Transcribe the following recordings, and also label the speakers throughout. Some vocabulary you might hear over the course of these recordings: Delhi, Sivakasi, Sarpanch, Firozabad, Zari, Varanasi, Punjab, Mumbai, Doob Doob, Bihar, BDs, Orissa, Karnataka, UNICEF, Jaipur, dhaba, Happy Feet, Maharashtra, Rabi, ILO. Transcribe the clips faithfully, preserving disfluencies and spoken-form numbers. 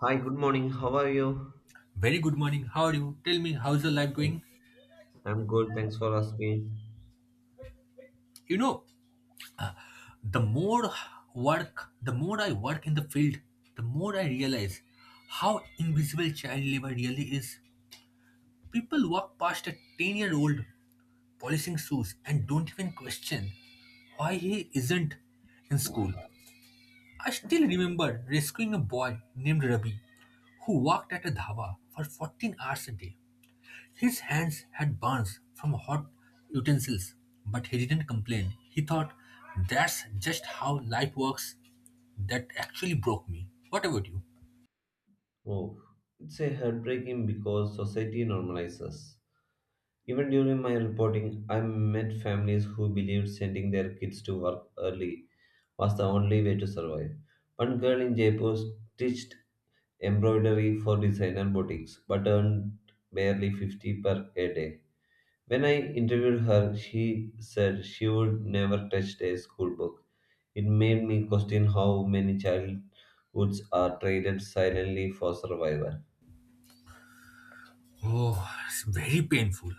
Speaker 1: Hi, good morning. How are you?
Speaker 2: Very good morning. How are you? Tell me, how's your life going?
Speaker 1: I'm good. Thanks for asking.
Speaker 2: You know, the more work, the more I work in the field, the more I realize how invisible child labor really is. People walk past a ten year old polishing shoes and don't even question why he isn't in school. I still remember rescuing a boy named Rabi who worked at a dhaba for fourteen hours a day. His hands had burns from hot utensils, but he didn't complain. He thought, that's just how life works. That actually broke me. What about you?
Speaker 1: Oh, it's a heartbreaking because society normalizes. Even during my reporting, I met families who believed sending their kids to work early was the only way to survive. One girl in Jaipur stitched embroidery for designer boutiques but earned barely fifty per a day. When I interviewed her, she said she would never touch a school book. It made me question how many childhoods are traded silently for survival.
Speaker 2: Oh, it's very painful.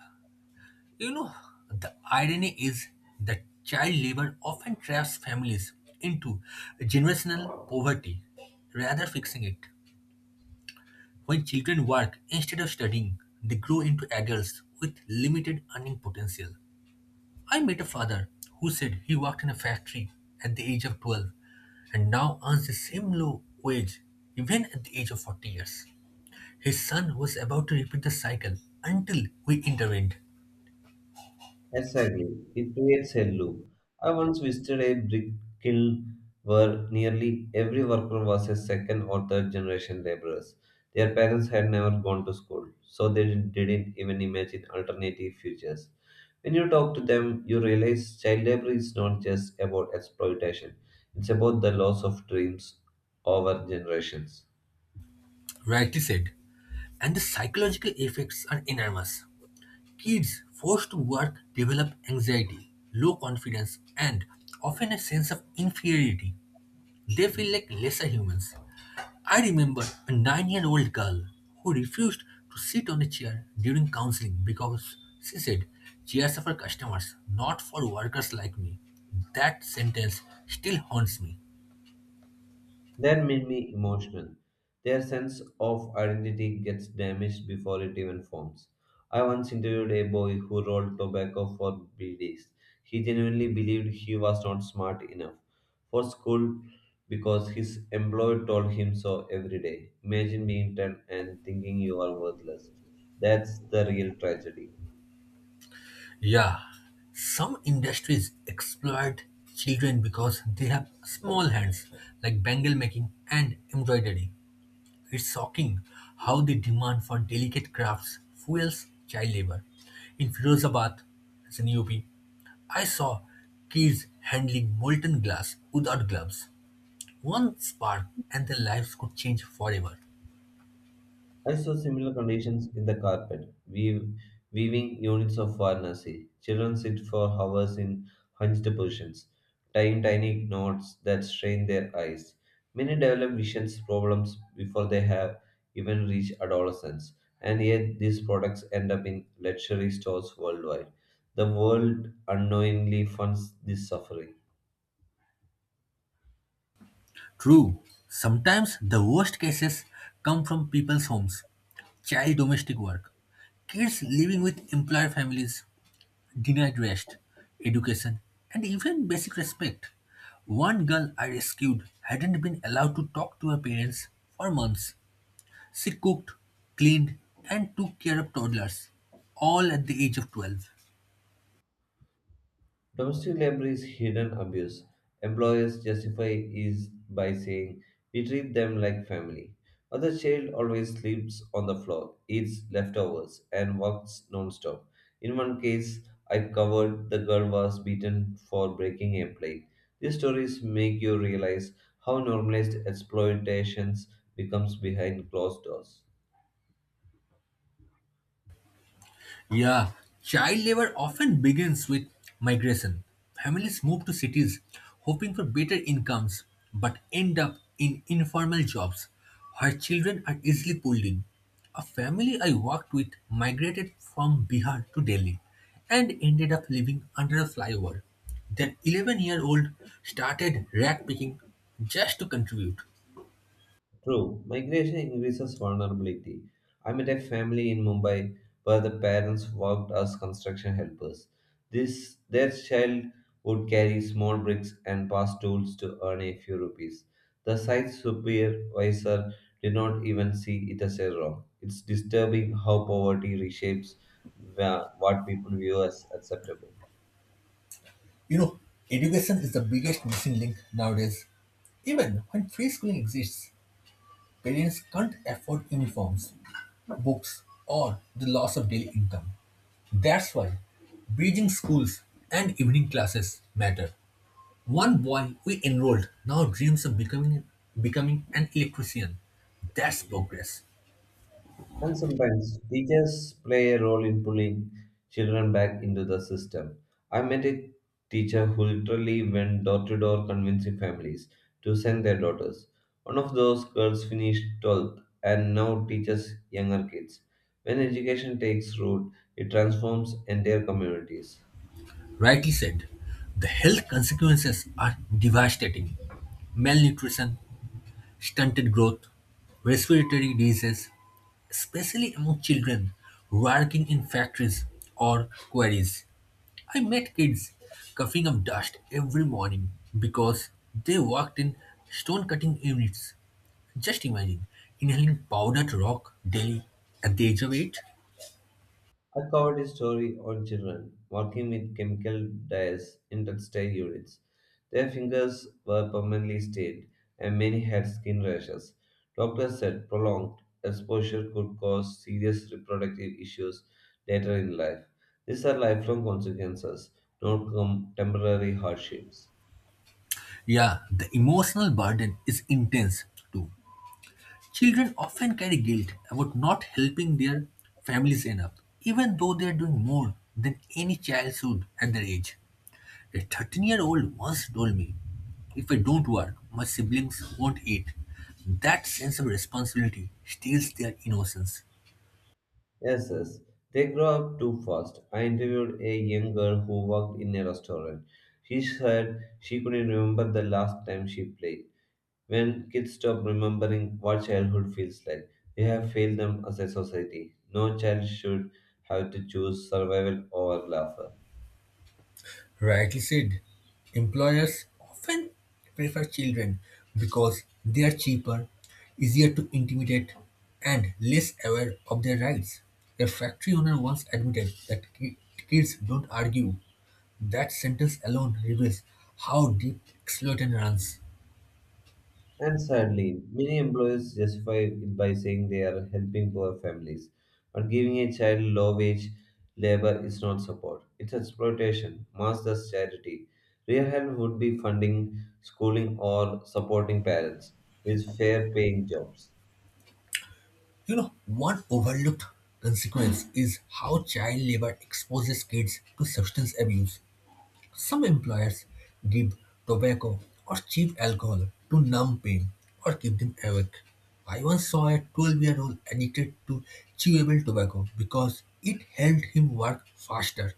Speaker 2: You know, the irony is that child labor often traps families into generational poverty rather fixing it. When children work instead of studying, they grow into adults with limited earning potential. I met a father who said he worked in a factory at the age of twelve and now earns the same low wage even at the age of forty years. His son was about to repeat the cycle until we intervened.
Speaker 1: Exactly. It creates a loop. I once visited a brick kiln where nearly every worker was a second or third generation laborers. Their parents had never gone to school, so they didn't didn't even imagine alternative futures. When you talk to them, you realize child labor is not just about exploitation, it's about the loss of dreams over generations.
Speaker 2: Rightly said. And the psychological effects are enormous. Kids forced to work develop anxiety, low confidence, and often a sense of inferiority. They feel like lesser humans. I remember a nine-year-old girl who refused to sit on a chair during counseling because she said, chairs are for customers, not for workers like me. That sentence still haunts me.
Speaker 1: That made me emotional. Their sense of identity gets damaged before it even forms. I once interviewed a boy who rolled tobacco for B Ds. He genuinely believed he was not smart enough for school because his employer told him so every day. Imagine being ten and thinking you are worthless. That's the real tragedy.
Speaker 2: Yeah, some industries exploit children because they have small hands, like bangle making and embroidery. It's shocking how the demand for delicate crafts fuels child labor. In Firozabad, as an U P, I saw kids handling molten glass without gloves. One spark and their lives could change forever.
Speaker 1: I saw similar conditions in the carpet, weave, weaving units of varnasi. Children sit for hours in hunched positions, tying tiny knots that strain their eyes. Many develop vision problems before they have even reached adolescence, and yet these products end up in luxury stores worldwide. The world unknowingly funds this suffering.
Speaker 2: True, sometimes the worst cases come from people's homes, child domestic work, kids living with employer families, denied rest, education, and even basic respect. One girl I rescued hadn't been allowed to talk to her parents for months. She cooked, cleaned, and took care of toddlers, all at the age of twelve.
Speaker 1: Domestic labour is hidden abuse. Employers justify is by saying we treat them like family. But the child always sleeps on the floor, eats leftovers, and works non-stop. In one case, I covered the girl was beaten for breaking a plate. These stories make you realize how normalized exploitations becomes behind closed doors.
Speaker 2: Yeah, child labor often begins with migration. Families move to cities hoping for better incomes but end up in informal jobs where children are easily pulled in. A family I worked with migrated from Bihar to Delhi and ended up living under a flyover. Their eleven year old started rag picking just to contribute.
Speaker 1: True, migration increases vulnerability. I met a family in Mumbai where the parents worked as construction helpers. This their child would carry small bricks and pass tools to earn a few rupees. The site supervisor did not even see it as a wrong. It's disturbing how poverty reshapes wha- what people view as acceptable.
Speaker 2: You know, education is the biggest missing link nowadays. Even when free schooling exists, parents can't afford uniforms, books, or the loss of daily income. That's why bridging schools and evening classes matter. One boy we enrolled now dreams of becoming becoming an electrician. That's progress.
Speaker 1: And sometimes teachers play a role in pulling children back into the system. I met a teacher who literally went door to door convincing families to send their daughters. One of those girls finished twelfth and now teaches younger kids. When education takes root, it transforms entire communities.
Speaker 2: Rightly said, the health consequences are devastating. Malnutrition, stunted growth, respiratory diseases, especially among children working in factories or quarries. I met kids coughing up dust every morning because they worked in stone cutting units. Just imagine inhaling powdered rock daily at the age of eight.
Speaker 1: I covered a story on children working with chemical dyes in textile units. Their fingers were permanently stained, and many had skin rashes. Doctors said prolonged exposure could cause serious reproductive issues later in life. These are lifelong consequences, not com- temporary hardships.
Speaker 2: Yeah, the emotional burden is intense too. Children often carry guilt about not helping their families enough, even though they are doing more than any child should at their age. A thirteen year old once told me, if I don't work, my siblings won't eat. That sense of responsibility steals their innocence.
Speaker 1: Yes, yes. They grow up too fast. I interviewed a young girl who worked in a restaurant. She said she couldn't remember the last time she played. When kids stop remembering what childhood feels like, we have failed them as a society. No child should have to choose survival over laughter.
Speaker 2: Rightly said, employers often prefer children because they are cheaper, easier to intimidate, and less aware of their rights. A factory owner once admitted that ki- kids don't argue. That sentence alone reveals how deep exploitation runs.
Speaker 1: And sadly, many employers justify it by saying they are helping poor families. But giving a child low wage labor is not support, it's exploitation, master's charity. Real help would be funding schooling or supporting parents with fair paying jobs.
Speaker 2: You know, one overlooked consequence is how child labor exposes kids to substance abuse. Some employers give tobacco or cheap alcohol to numb pain or keep them awake. I once saw a twelve year old addicted to chewable tobacco because it helped him work faster.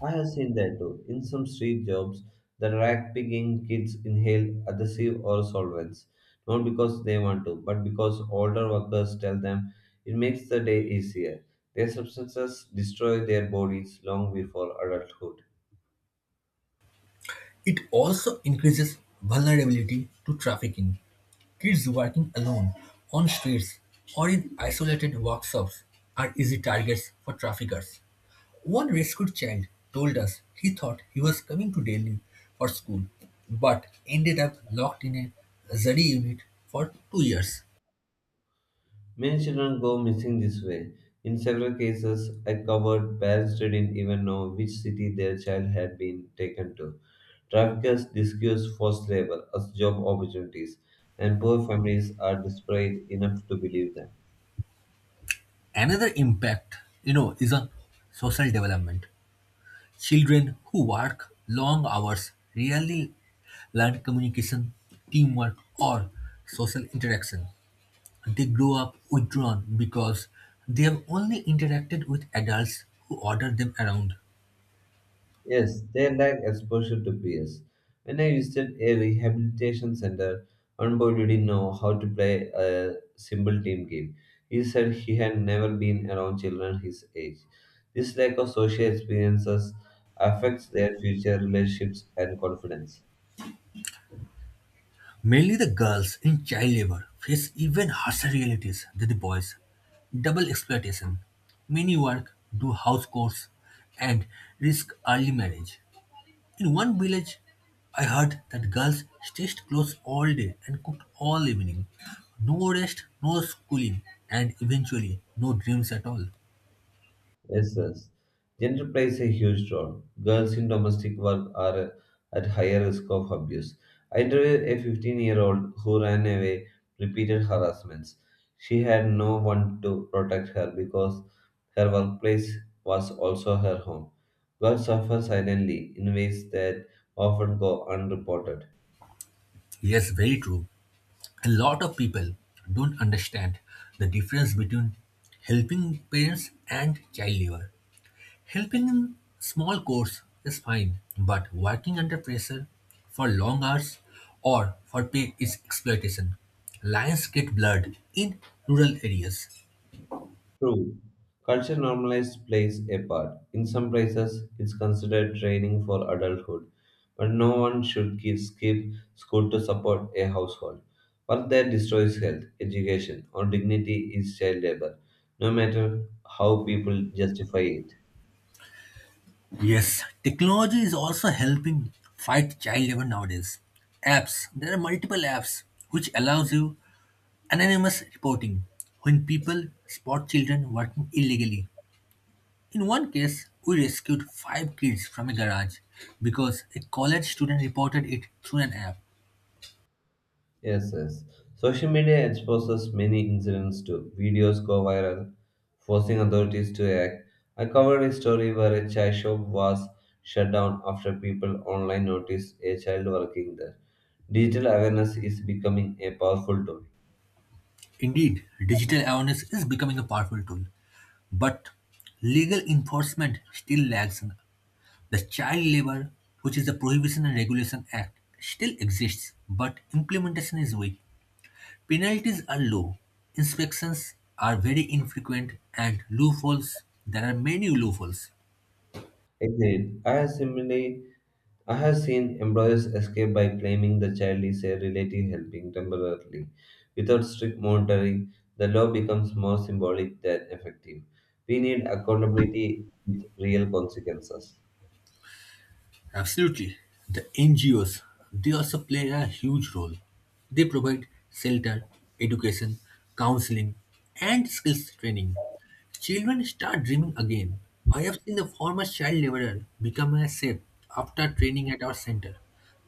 Speaker 1: I have seen that too. In some street jobs, the rag picking kids inhale adhesive or solvents, not because they want to, but because older workers tell them it makes the day easier. Their substances destroy their bodies long before adulthood.
Speaker 2: It also increases vulnerability to trafficking. Kids working alone on streets or in isolated workshops are easy targets for traffickers. One rescued child told us he thought he was coming to Delhi for school, but ended up locked in a Zari unit for two years.
Speaker 1: Many children go missing this way. In several cases, I covered parents didn't even know which city their child had been taken to. Traffickers disguise forced labor as job opportunities, and poor families are desperate enough to believe them.
Speaker 2: Another impact, you know, is on social development. Children who work long hours rarely learn communication, teamwork, or social interaction. They grow up withdrawn because they have only interacted with adults who order them around.
Speaker 1: Yes, they lack exposure to peers. When I visited a rehabilitation center, one boy didn't know how to play a simple team game. He said he had never been around children his age. This lack of social experiences affects their future relationships and confidence.
Speaker 2: Mainly the girls in child labor face even harsher realities than the boys. Double exploitation, mini work, do house chores, and risk early marriage. In one village, I heard that girls stitched clothes all day and cooked all evening. No rest, no schooling, and eventually no dreams at all.
Speaker 1: Yes, yes. Gender plays a huge role. Girls in domestic work are at higher risk of abuse. I interviewed a fifteen year old who ran away repeated harassments. She had no one to protect her because her workplace was also her home. Girls suffer silently in ways that often go unreported.
Speaker 2: Yes, very true. A lot of people don't understand the difference between helping parents and child labor. Helping in small course is fine, but working under pressure for long hours or for pay is exploitation. Lines get blurred in rural areas.
Speaker 1: True. Culture normalized plays a part. In some places, it's considered training for adulthood, but no one should give, skip school to support a household. Work that destroys health, education, or dignity is child labor, no matter how people justify it.
Speaker 2: Yes, technology is also helping fight child labor nowadays. Apps, there are multiple apps which allows you anonymous reporting when people spot children working illegally. In one case, we rescued five kids from a garage because a college student reported it through an app.
Speaker 1: Yes, yes. Social media exposes many incidents too. Videos go viral, forcing authorities to act. I covered a story where a chai shop was shut down after people online noticed a child working there. Digital awareness is becoming a powerful tool.
Speaker 2: Indeed, digital awareness is becoming a powerful tool, but legal enforcement still lags. The Child Labor, which is the Prohibition and Regulation Act, still exists, but implementation is weak. Penalties are low, inspections are very infrequent, and loopholes, there are many loopholes.
Speaker 1: Agreed. I have similarly I have seen employers escape by claiming the child is a relative helping temporarily. Without strict monitoring, the law becomes more symbolic than effective. We need accountability with real consequences.
Speaker 2: Absolutely. The N G Os, they also play a huge role. They provide shelter, education, counseling, and skills training. Children start dreaming again. I have seen a former child laborer become a chef after training at our center.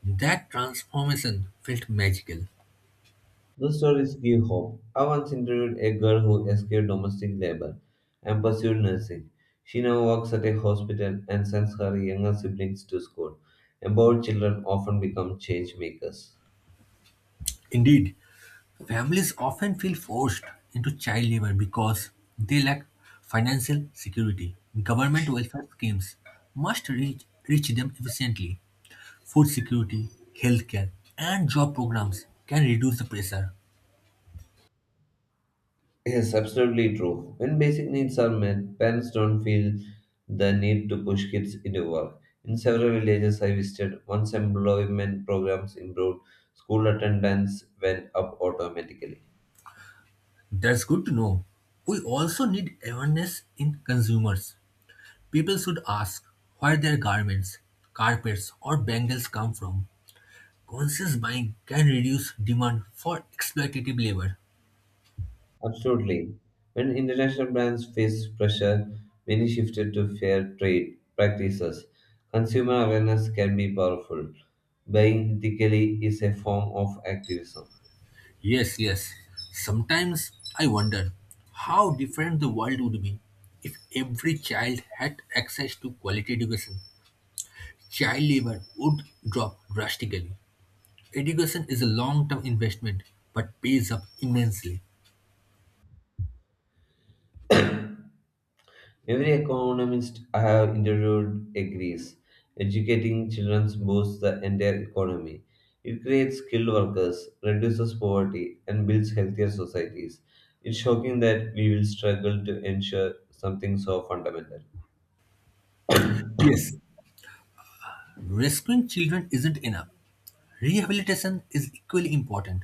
Speaker 2: That transformation felt magical.
Speaker 1: Those stories give hope. I once interviewed a girl who escaped domestic labor and pursued nursing. She now works at a hospital and sends her younger siblings to school. Empowered children often become change makers.
Speaker 2: Indeed, families often feel forced into child labor because they lack financial security. Government welfare schemes must reach, reach them efficiently. Food security, healthcare, and job programs can reduce the pressure.
Speaker 1: Yes, absolutely true. When basic needs are met, parents don't feel the need to push kids into work. In several villages I visited, once employment programs improved, school attendance went up automatically.
Speaker 2: That's good to know. We also need awareness in consumers. People should ask where their garments, carpets, or bangles come from. Conscious buying can reduce demand for exploitative labor.
Speaker 1: Absolutely. When international brands face pressure, many shifted to fair trade practices. Consumer awareness can be powerful. Buying ethically is a form of activism.
Speaker 2: Yes, yes. Sometimes I wonder how different the world would be if every child had access to quality education. Child labor would drop drastically. Education is a long term investment but pays up immensely.
Speaker 1: Every economist I have interviewed agrees. Educating children boosts the entire economy. It creates skilled workers, reduces poverty, and builds healthier societies. It's shocking that we will struggle to ensure something so fundamental.
Speaker 2: Yes. Rescuing children isn't enough. Rehabilitation is equally important.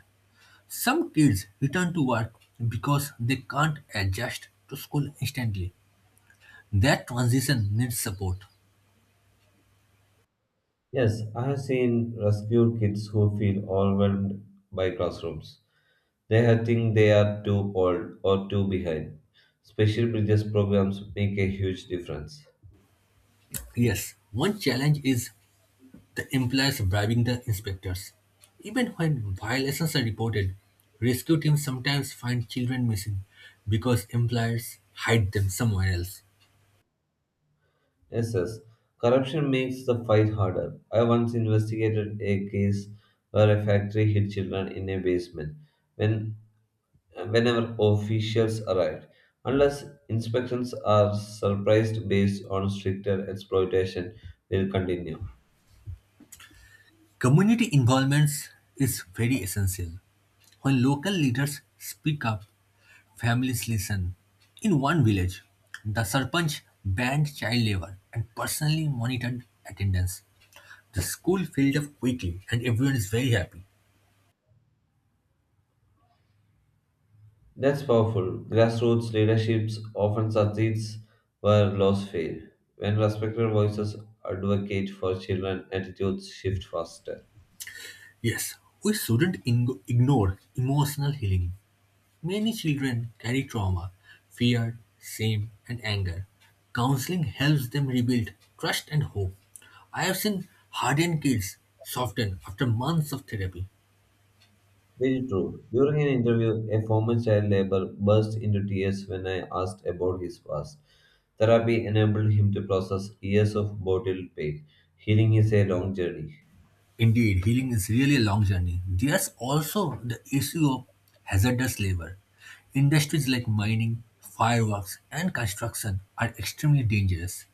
Speaker 2: Some kids return to work because they can't adjust to school instantly. That transition needs support.
Speaker 1: Yes, I have seen rescued kids who feel overwhelmed by classrooms. They have think they are too old or too behind. Special bridges programs make a huge difference.
Speaker 2: Yes, one challenge is that implies bribing the inspectors. Even when violations are reported, rescue teams sometimes find children missing because employers hide them somewhere else.
Speaker 1: Yes, yes. Corruption makes the fight harder. I once investigated a case where a factory hid children in a basement when whenever officials arrived. Unless inspections are surprised based on stricter exploitation will continue.
Speaker 2: Community involvement is very essential. When local leaders speak up, families listen. In one village, the Sarpanch banned child labor and personally monitored attendance. The school filled up quickly and everyone is very happy.
Speaker 1: That's powerful. Grassroots leaderships often succeeds where laws fail. When respected voices advocate for children, attitudes shift faster.
Speaker 2: Yes, we shouldn't ing- ignore emotional healing. Many children carry trauma, fear, shame, and anger. Counseling helps them rebuild trust and hope. I have seen hardened kids soften after months of therapy.
Speaker 1: Very true. During an interview, a former child labor burst into tears when I asked about his past. Therapy enabled him to process years of bottled pain. Healing is a long journey.
Speaker 2: Indeed, healing is really a long journey. There's also the issue of hazardous labor. Industries like mining, fireworks, and construction are extremely dangerous.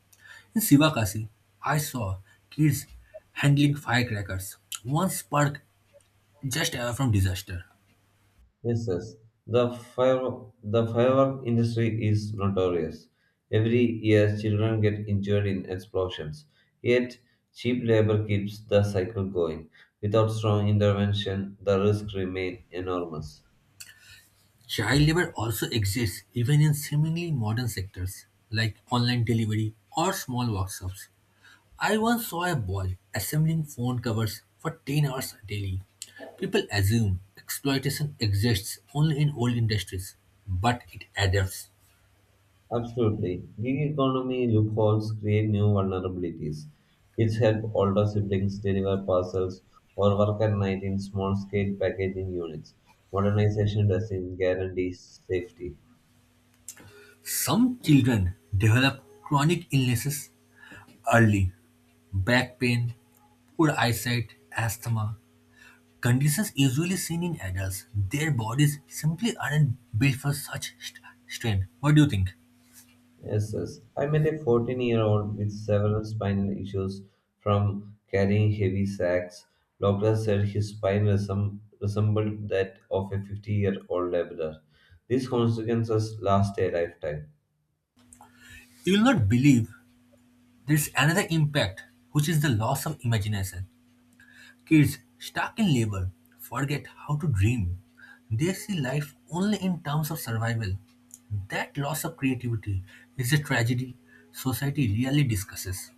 Speaker 2: In Sivakasi, I saw kids handling firecrackers, one spark just away from disaster.
Speaker 1: Yes, yes. The fire, the firework industry is notorious. Every year, children get injured in explosions. Yet, cheap labor keeps the cycle going. Without strong intervention, the risks remain enormous.
Speaker 2: Child labor also exists even in seemingly modern sectors like online delivery or small workshops. I once saw a boy assembling phone covers for ten hours daily. People assume exploitation exists only in old industries, but it adapts.
Speaker 1: Absolutely. Gig economy loopholes create new vulnerabilities. Kids help older siblings deliver parcels or work at night in small scale packaging units. Modernization doesn't guarantee safety.
Speaker 2: Some children develop chronic illnesses early back pain, poor eyesight, asthma, conditions usually seen in adults, their bodies simply aren't built for such st- strain. What do you think?
Speaker 1: Yes, yes. I met a fourteen year old with several spinal issues from carrying heavy sacks. Doctors said his spine resem- resembled that of a fifty year old laborer. These consequences last a lifetime.
Speaker 2: You will not believe there's another impact, which is the loss of imagination. Kids stuck in labor forget how to dream. They see life only in terms of survival. That loss of creativity is a tragedy society really discusses.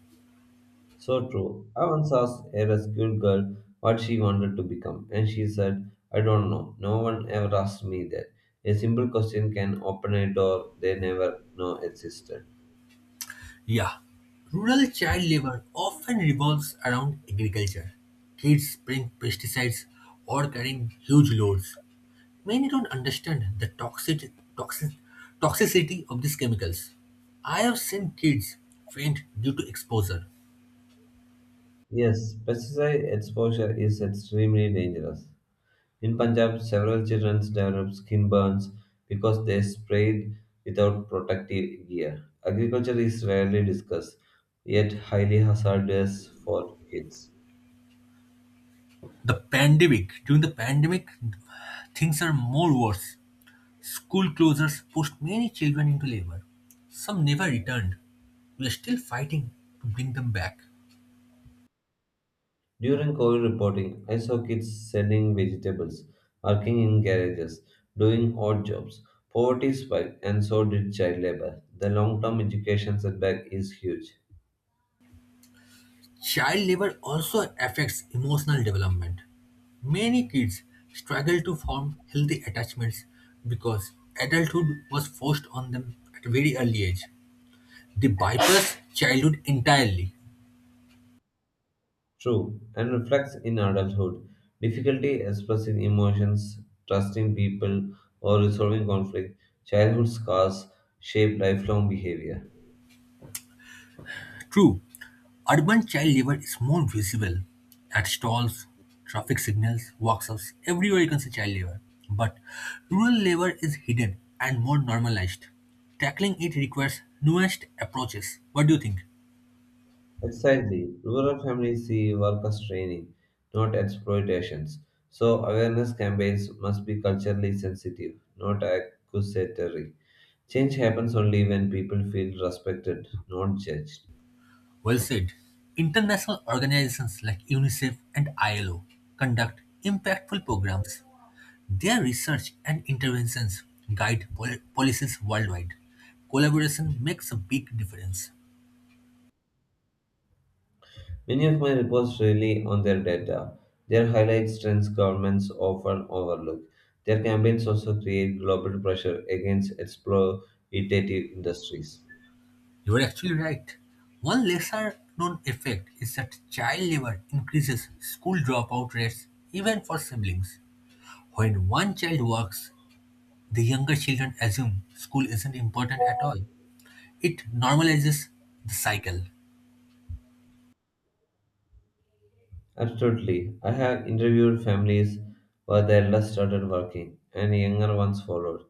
Speaker 1: So true. I once asked a rescued girl what she wanted to become, and she said, I don't know. No one ever asked me that. A simple question can open a door they never know existed.
Speaker 2: Yeah, rural child labor often revolves around agriculture. Kids spraying pesticides or carrying huge loads. Many don't understand the toxic, toxic, toxicity of these chemicals. I have seen kids faint due to exposure.
Speaker 1: Yes, pesticide exposure is extremely dangerous. In Punjab, several children developed skin burns because they sprayed without protective gear. Agriculture is rarely discussed, yet highly hazardous for kids.
Speaker 2: The pandemic, during the pandemic, things are more worse. School closures pushed many children into labor. Some never returned. We are still fighting to bring them back.
Speaker 1: During COVID reporting, I saw kids selling vegetables, working in garages, doing odd jobs. Poverty spiked, and so did child labor. The long term education setback is huge.
Speaker 2: Child labor also affects emotional development. Many kids struggle to form healthy attachments because adulthood was forced on them at a very early age. They bypass childhood entirely.
Speaker 1: True, and reflects in adulthood. Difficulty expressing emotions, trusting people, or resolving conflict. Childhood scars shape lifelong behavior.
Speaker 2: True, urban child labor is more visible at stalls, traffic signals, workshops, everywhere you can see child labor. But rural labor is hidden and more normalized. Tackling it requires nuanced approaches. What do you think?
Speaker 1: Exactly. Rural families see work as training, not exploitations. So awareness campaigns must be culturally sensitive, not accusatory. Change happens only when people feel respected, not judged.
Speaker 2: Well said. International organizations like UNICEF and I L O conduct impactful programs. Their research and interventions guide pol- policies worldwide. Collaboration makes a big difference.
Speaker 1: Many of my reports rely on their data. Their highlight strengths governments often overlook. Their campaigns also create global pressure against exploitative industries.
Speaker 2: You are actually right. One lesser known effect is that child labor increases school dropout rates even for siblings. When one child works, the younger children assume school isn't important at all. It normalizes the cycle.
Speaker 1: Absolutely. I have interviewed families where the eldest started working and younger ones followed,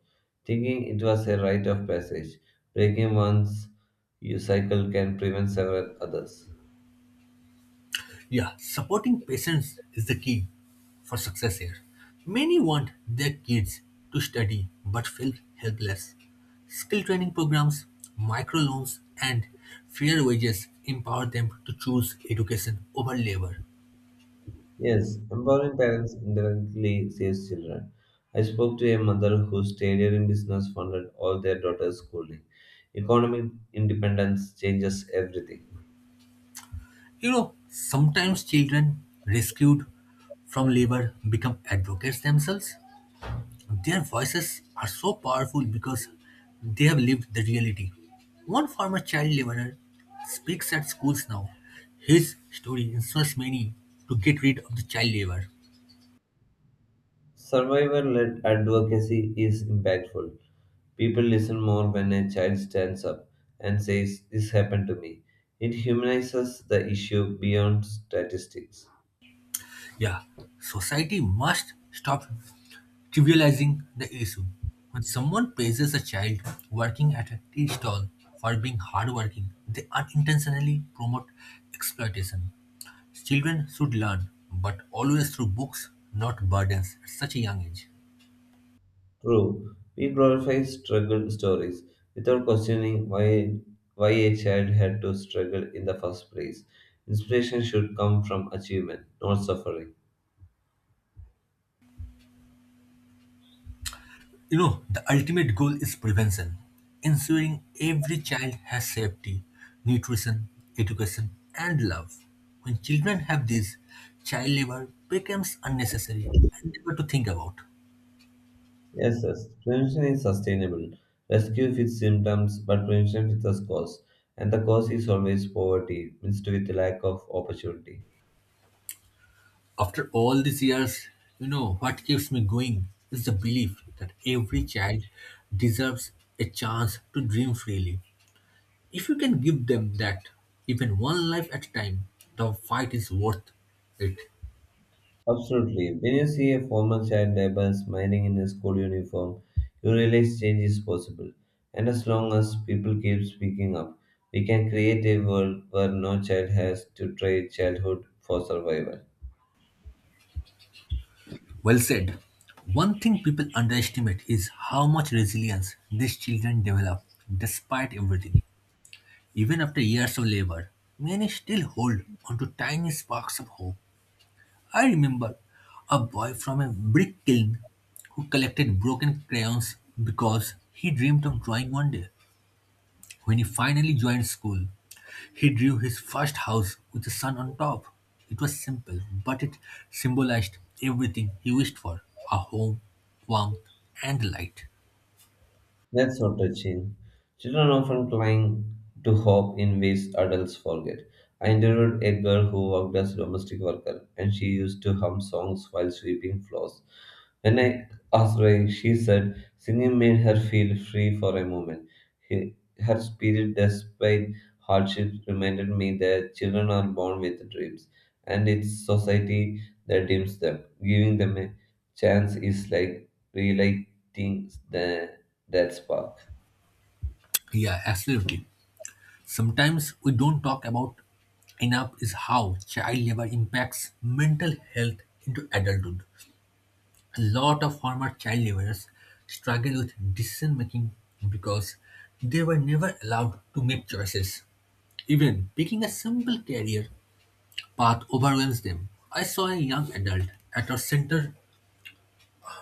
Speaker 1: thinking it was a rite of passage. Breaking one's u- cycle can prevent several others.
Speaker 2: Yeah, supporting patients is the key for success here. Many want their kids to study but feel helpless. Skill training programs, microloans, and fair wages empower them to choose education over labor.
Speaker 1: Yes, empowering parents indirectly saves children. I spoke to a mother whose tailoring business funded all their daughter's schooling. Economic independence changes everything.
Speaker 2: You know, sometimes children rescued from labor become advocates themselves. Their voices are so powerful because they have lived the reality. One former child laborer speaks at schools now. His story inspires many to get rid of the child labor.
Speaker 1: Survivor led advocacy is impactful. People listen more when a child stands up and says, This happened to me. It humanizes the issue beyond statistics.
Speaker 2: Yeah, society must stop trivializing the issue. When someone praises a child working at a tea stall for being hardworking, they unintentionally promote exploitation. Children should learn, but always through books, not burdens, at such a young age.
Speaker 1: True, we glorify struggle stories without questioning why, why a child had to struggle in the first place. Inspiration should come from achievement, not suffering.
Speaker 2: You know, the ultimate goal is prevention, ensuring every child has safety, nutrition, education, and love. When children have this, child labor becomes unnecessary and never to think about.
Speaker 1: Yes, yes. Prevention is sustainable. Rescue fits symptoms, but prevention fixes cause. And the cause is always poverty, mixed with lack of opportunity.
Speaker 2: After all these years, you know, what keeps me going is the belief that every child deserves a chance to dream freely. If you can give them that, even one life at a time, the fight is worth it.
Speaker 1: Absolutely. When you see a former child labor smiling in a school uniform, you realize change is possible. And as long as people keep speaking up, we can create a world where no child has to trade childhood for survival.
Speaker 2: Well said. One thing people underestimate is how much resilience these children develop despite everything. Even after years of labor, many still hold onto tiny sparks of hope. I remember a boy from a brick kiln who collected broken crayons because he dreamed of drawing one day. When he finally joined school, he drew his first house with the sun on top. It was simple, but it symbolized everything he wished for a home, warmth, and light.
Speaker 1: That's not touching. Children often cling to hope in ways adults forget. I interviewed a girl who worked as a domestic worker, and she used to hum songs while sweeping floors. When I asked why, she said singing made her feel free for a moment. He- Her spirit, despite hardship, reminded me that children are born with dreams, and it's society that dims them. Giving them a chance is like relighting the that spark.
Speaker 2: Yeah, absolutely. Sometimes we don't talk about enough is how child labor impacts mental health into adulthood. A lot of former child laborers struggle with decision making because they were never allowed to make choices. Even picking a simple career path overwhelms them. I saw a young adult at our center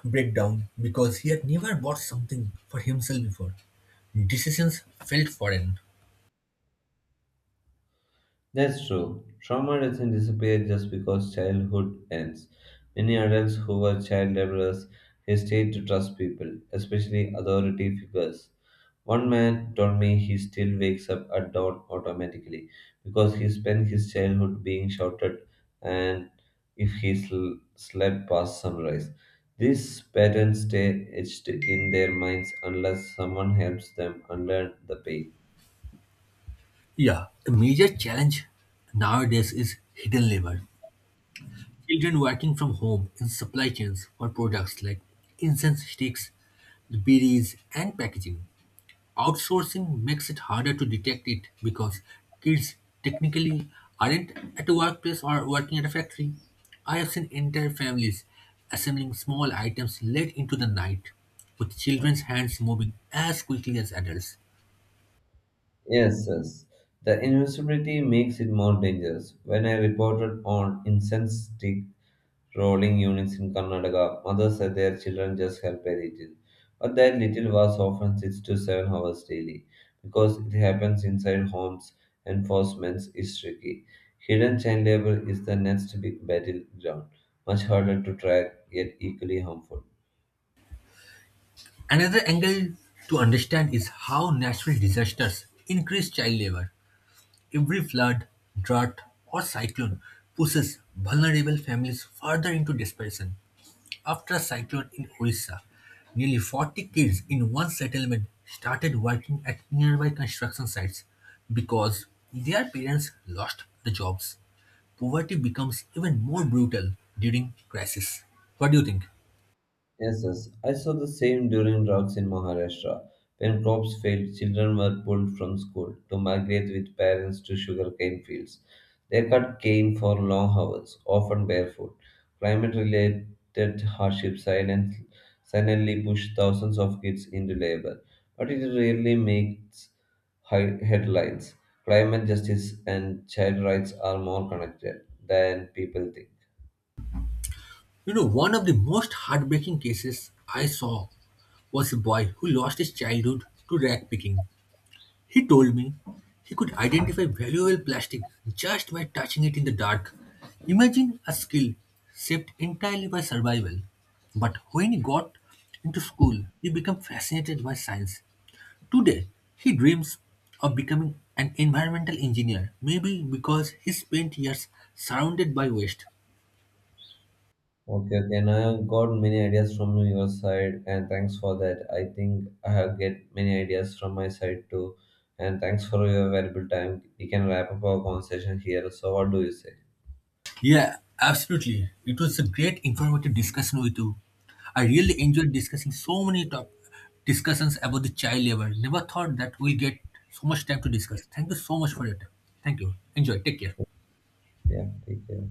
Speaker 2: break down because he had never bought something for himself before. Decisions felt foreign.
Speaker 1: That's true. Trauma doesn't disappear just because childhood ends. Many adults who were child laborers hesitate to trust people, especially authority figures. One man told me he still wakes up at dawn automatically because he spent his childhood being shouted and if he sl- slept past sunrise. These patterns stay etched in their minds unless someone helps them unlearn the pain.
Speaker 2: Yeah, a major challenge nowadays is hidden labor. Children working from home in supply chains for products like incense sticks, berries, and packaging. Outsourcing makes it harder to detect it because kids technically aren't at a workplace or working at a factory. I have seen entire families assembling small items late into the night, with children's hands moving as quickly as adults.
Speaker 1: Yes, yes. The invisibility makes it more dangerous. When I reported on incense stick rolling units in Karnataka, mothers said their children just helped a little. But that little was often six to seven hours daily because it happens inside homes. Enforcement is tricky. Hidden child labor is the next big battleground, much harder to track yet equally harmful.
Speaker 2: Another angle to understand is how natural disasters increase child labor. Every flood, drought, or cyclone pushes vulnerable families further into desperation. After a cyclone in Orissa, nearly forty kids in one settlement started working at nearby construction sites because their parents lost the jobs. Poverty becomes even more brutal during crisis. What do you think?
Speaker 1: Yes, yes. I saw the same during droughts in Maharashtra. When crops failed, children were pulled from school to migrate with parents to sugarcane fields. They cut cane for long hours, often barefoot. Climate related hardships silent, silently pushed thousands of kids into labor. But it rarely makes high headlines. Climate justice and child rights are more connected than people think.
Speaker 2: You know, one of the most heartbreaking cases I saw was a boy who lost his childhood to rag picking. He told me he could identify valuable plastic just by touching it in the dark. Imagine a skill shaped entirely by survival. But when he got into school, he became fascinated by science. Today, he dreams of becoming an environmental engineer, maybe because he spent years surrounded by waste.
Speaker 1: Okay, okay. And I have got many ideas from your side, and thanks for that. I think I have get many ideas from my side too, and thanks for your valuable time. We can wrap up our conversation here. So, what do you say?
Speaker 2: Yeah, absolutely. It was a great informative discussion with you. I really enjoyed discussing so many top discussions about the child labor. Never thought that we'll get so much time to discuss. Thank you so much for it. Thank you. Enjoy. Take care.
Speaker 1: Yeah, take care.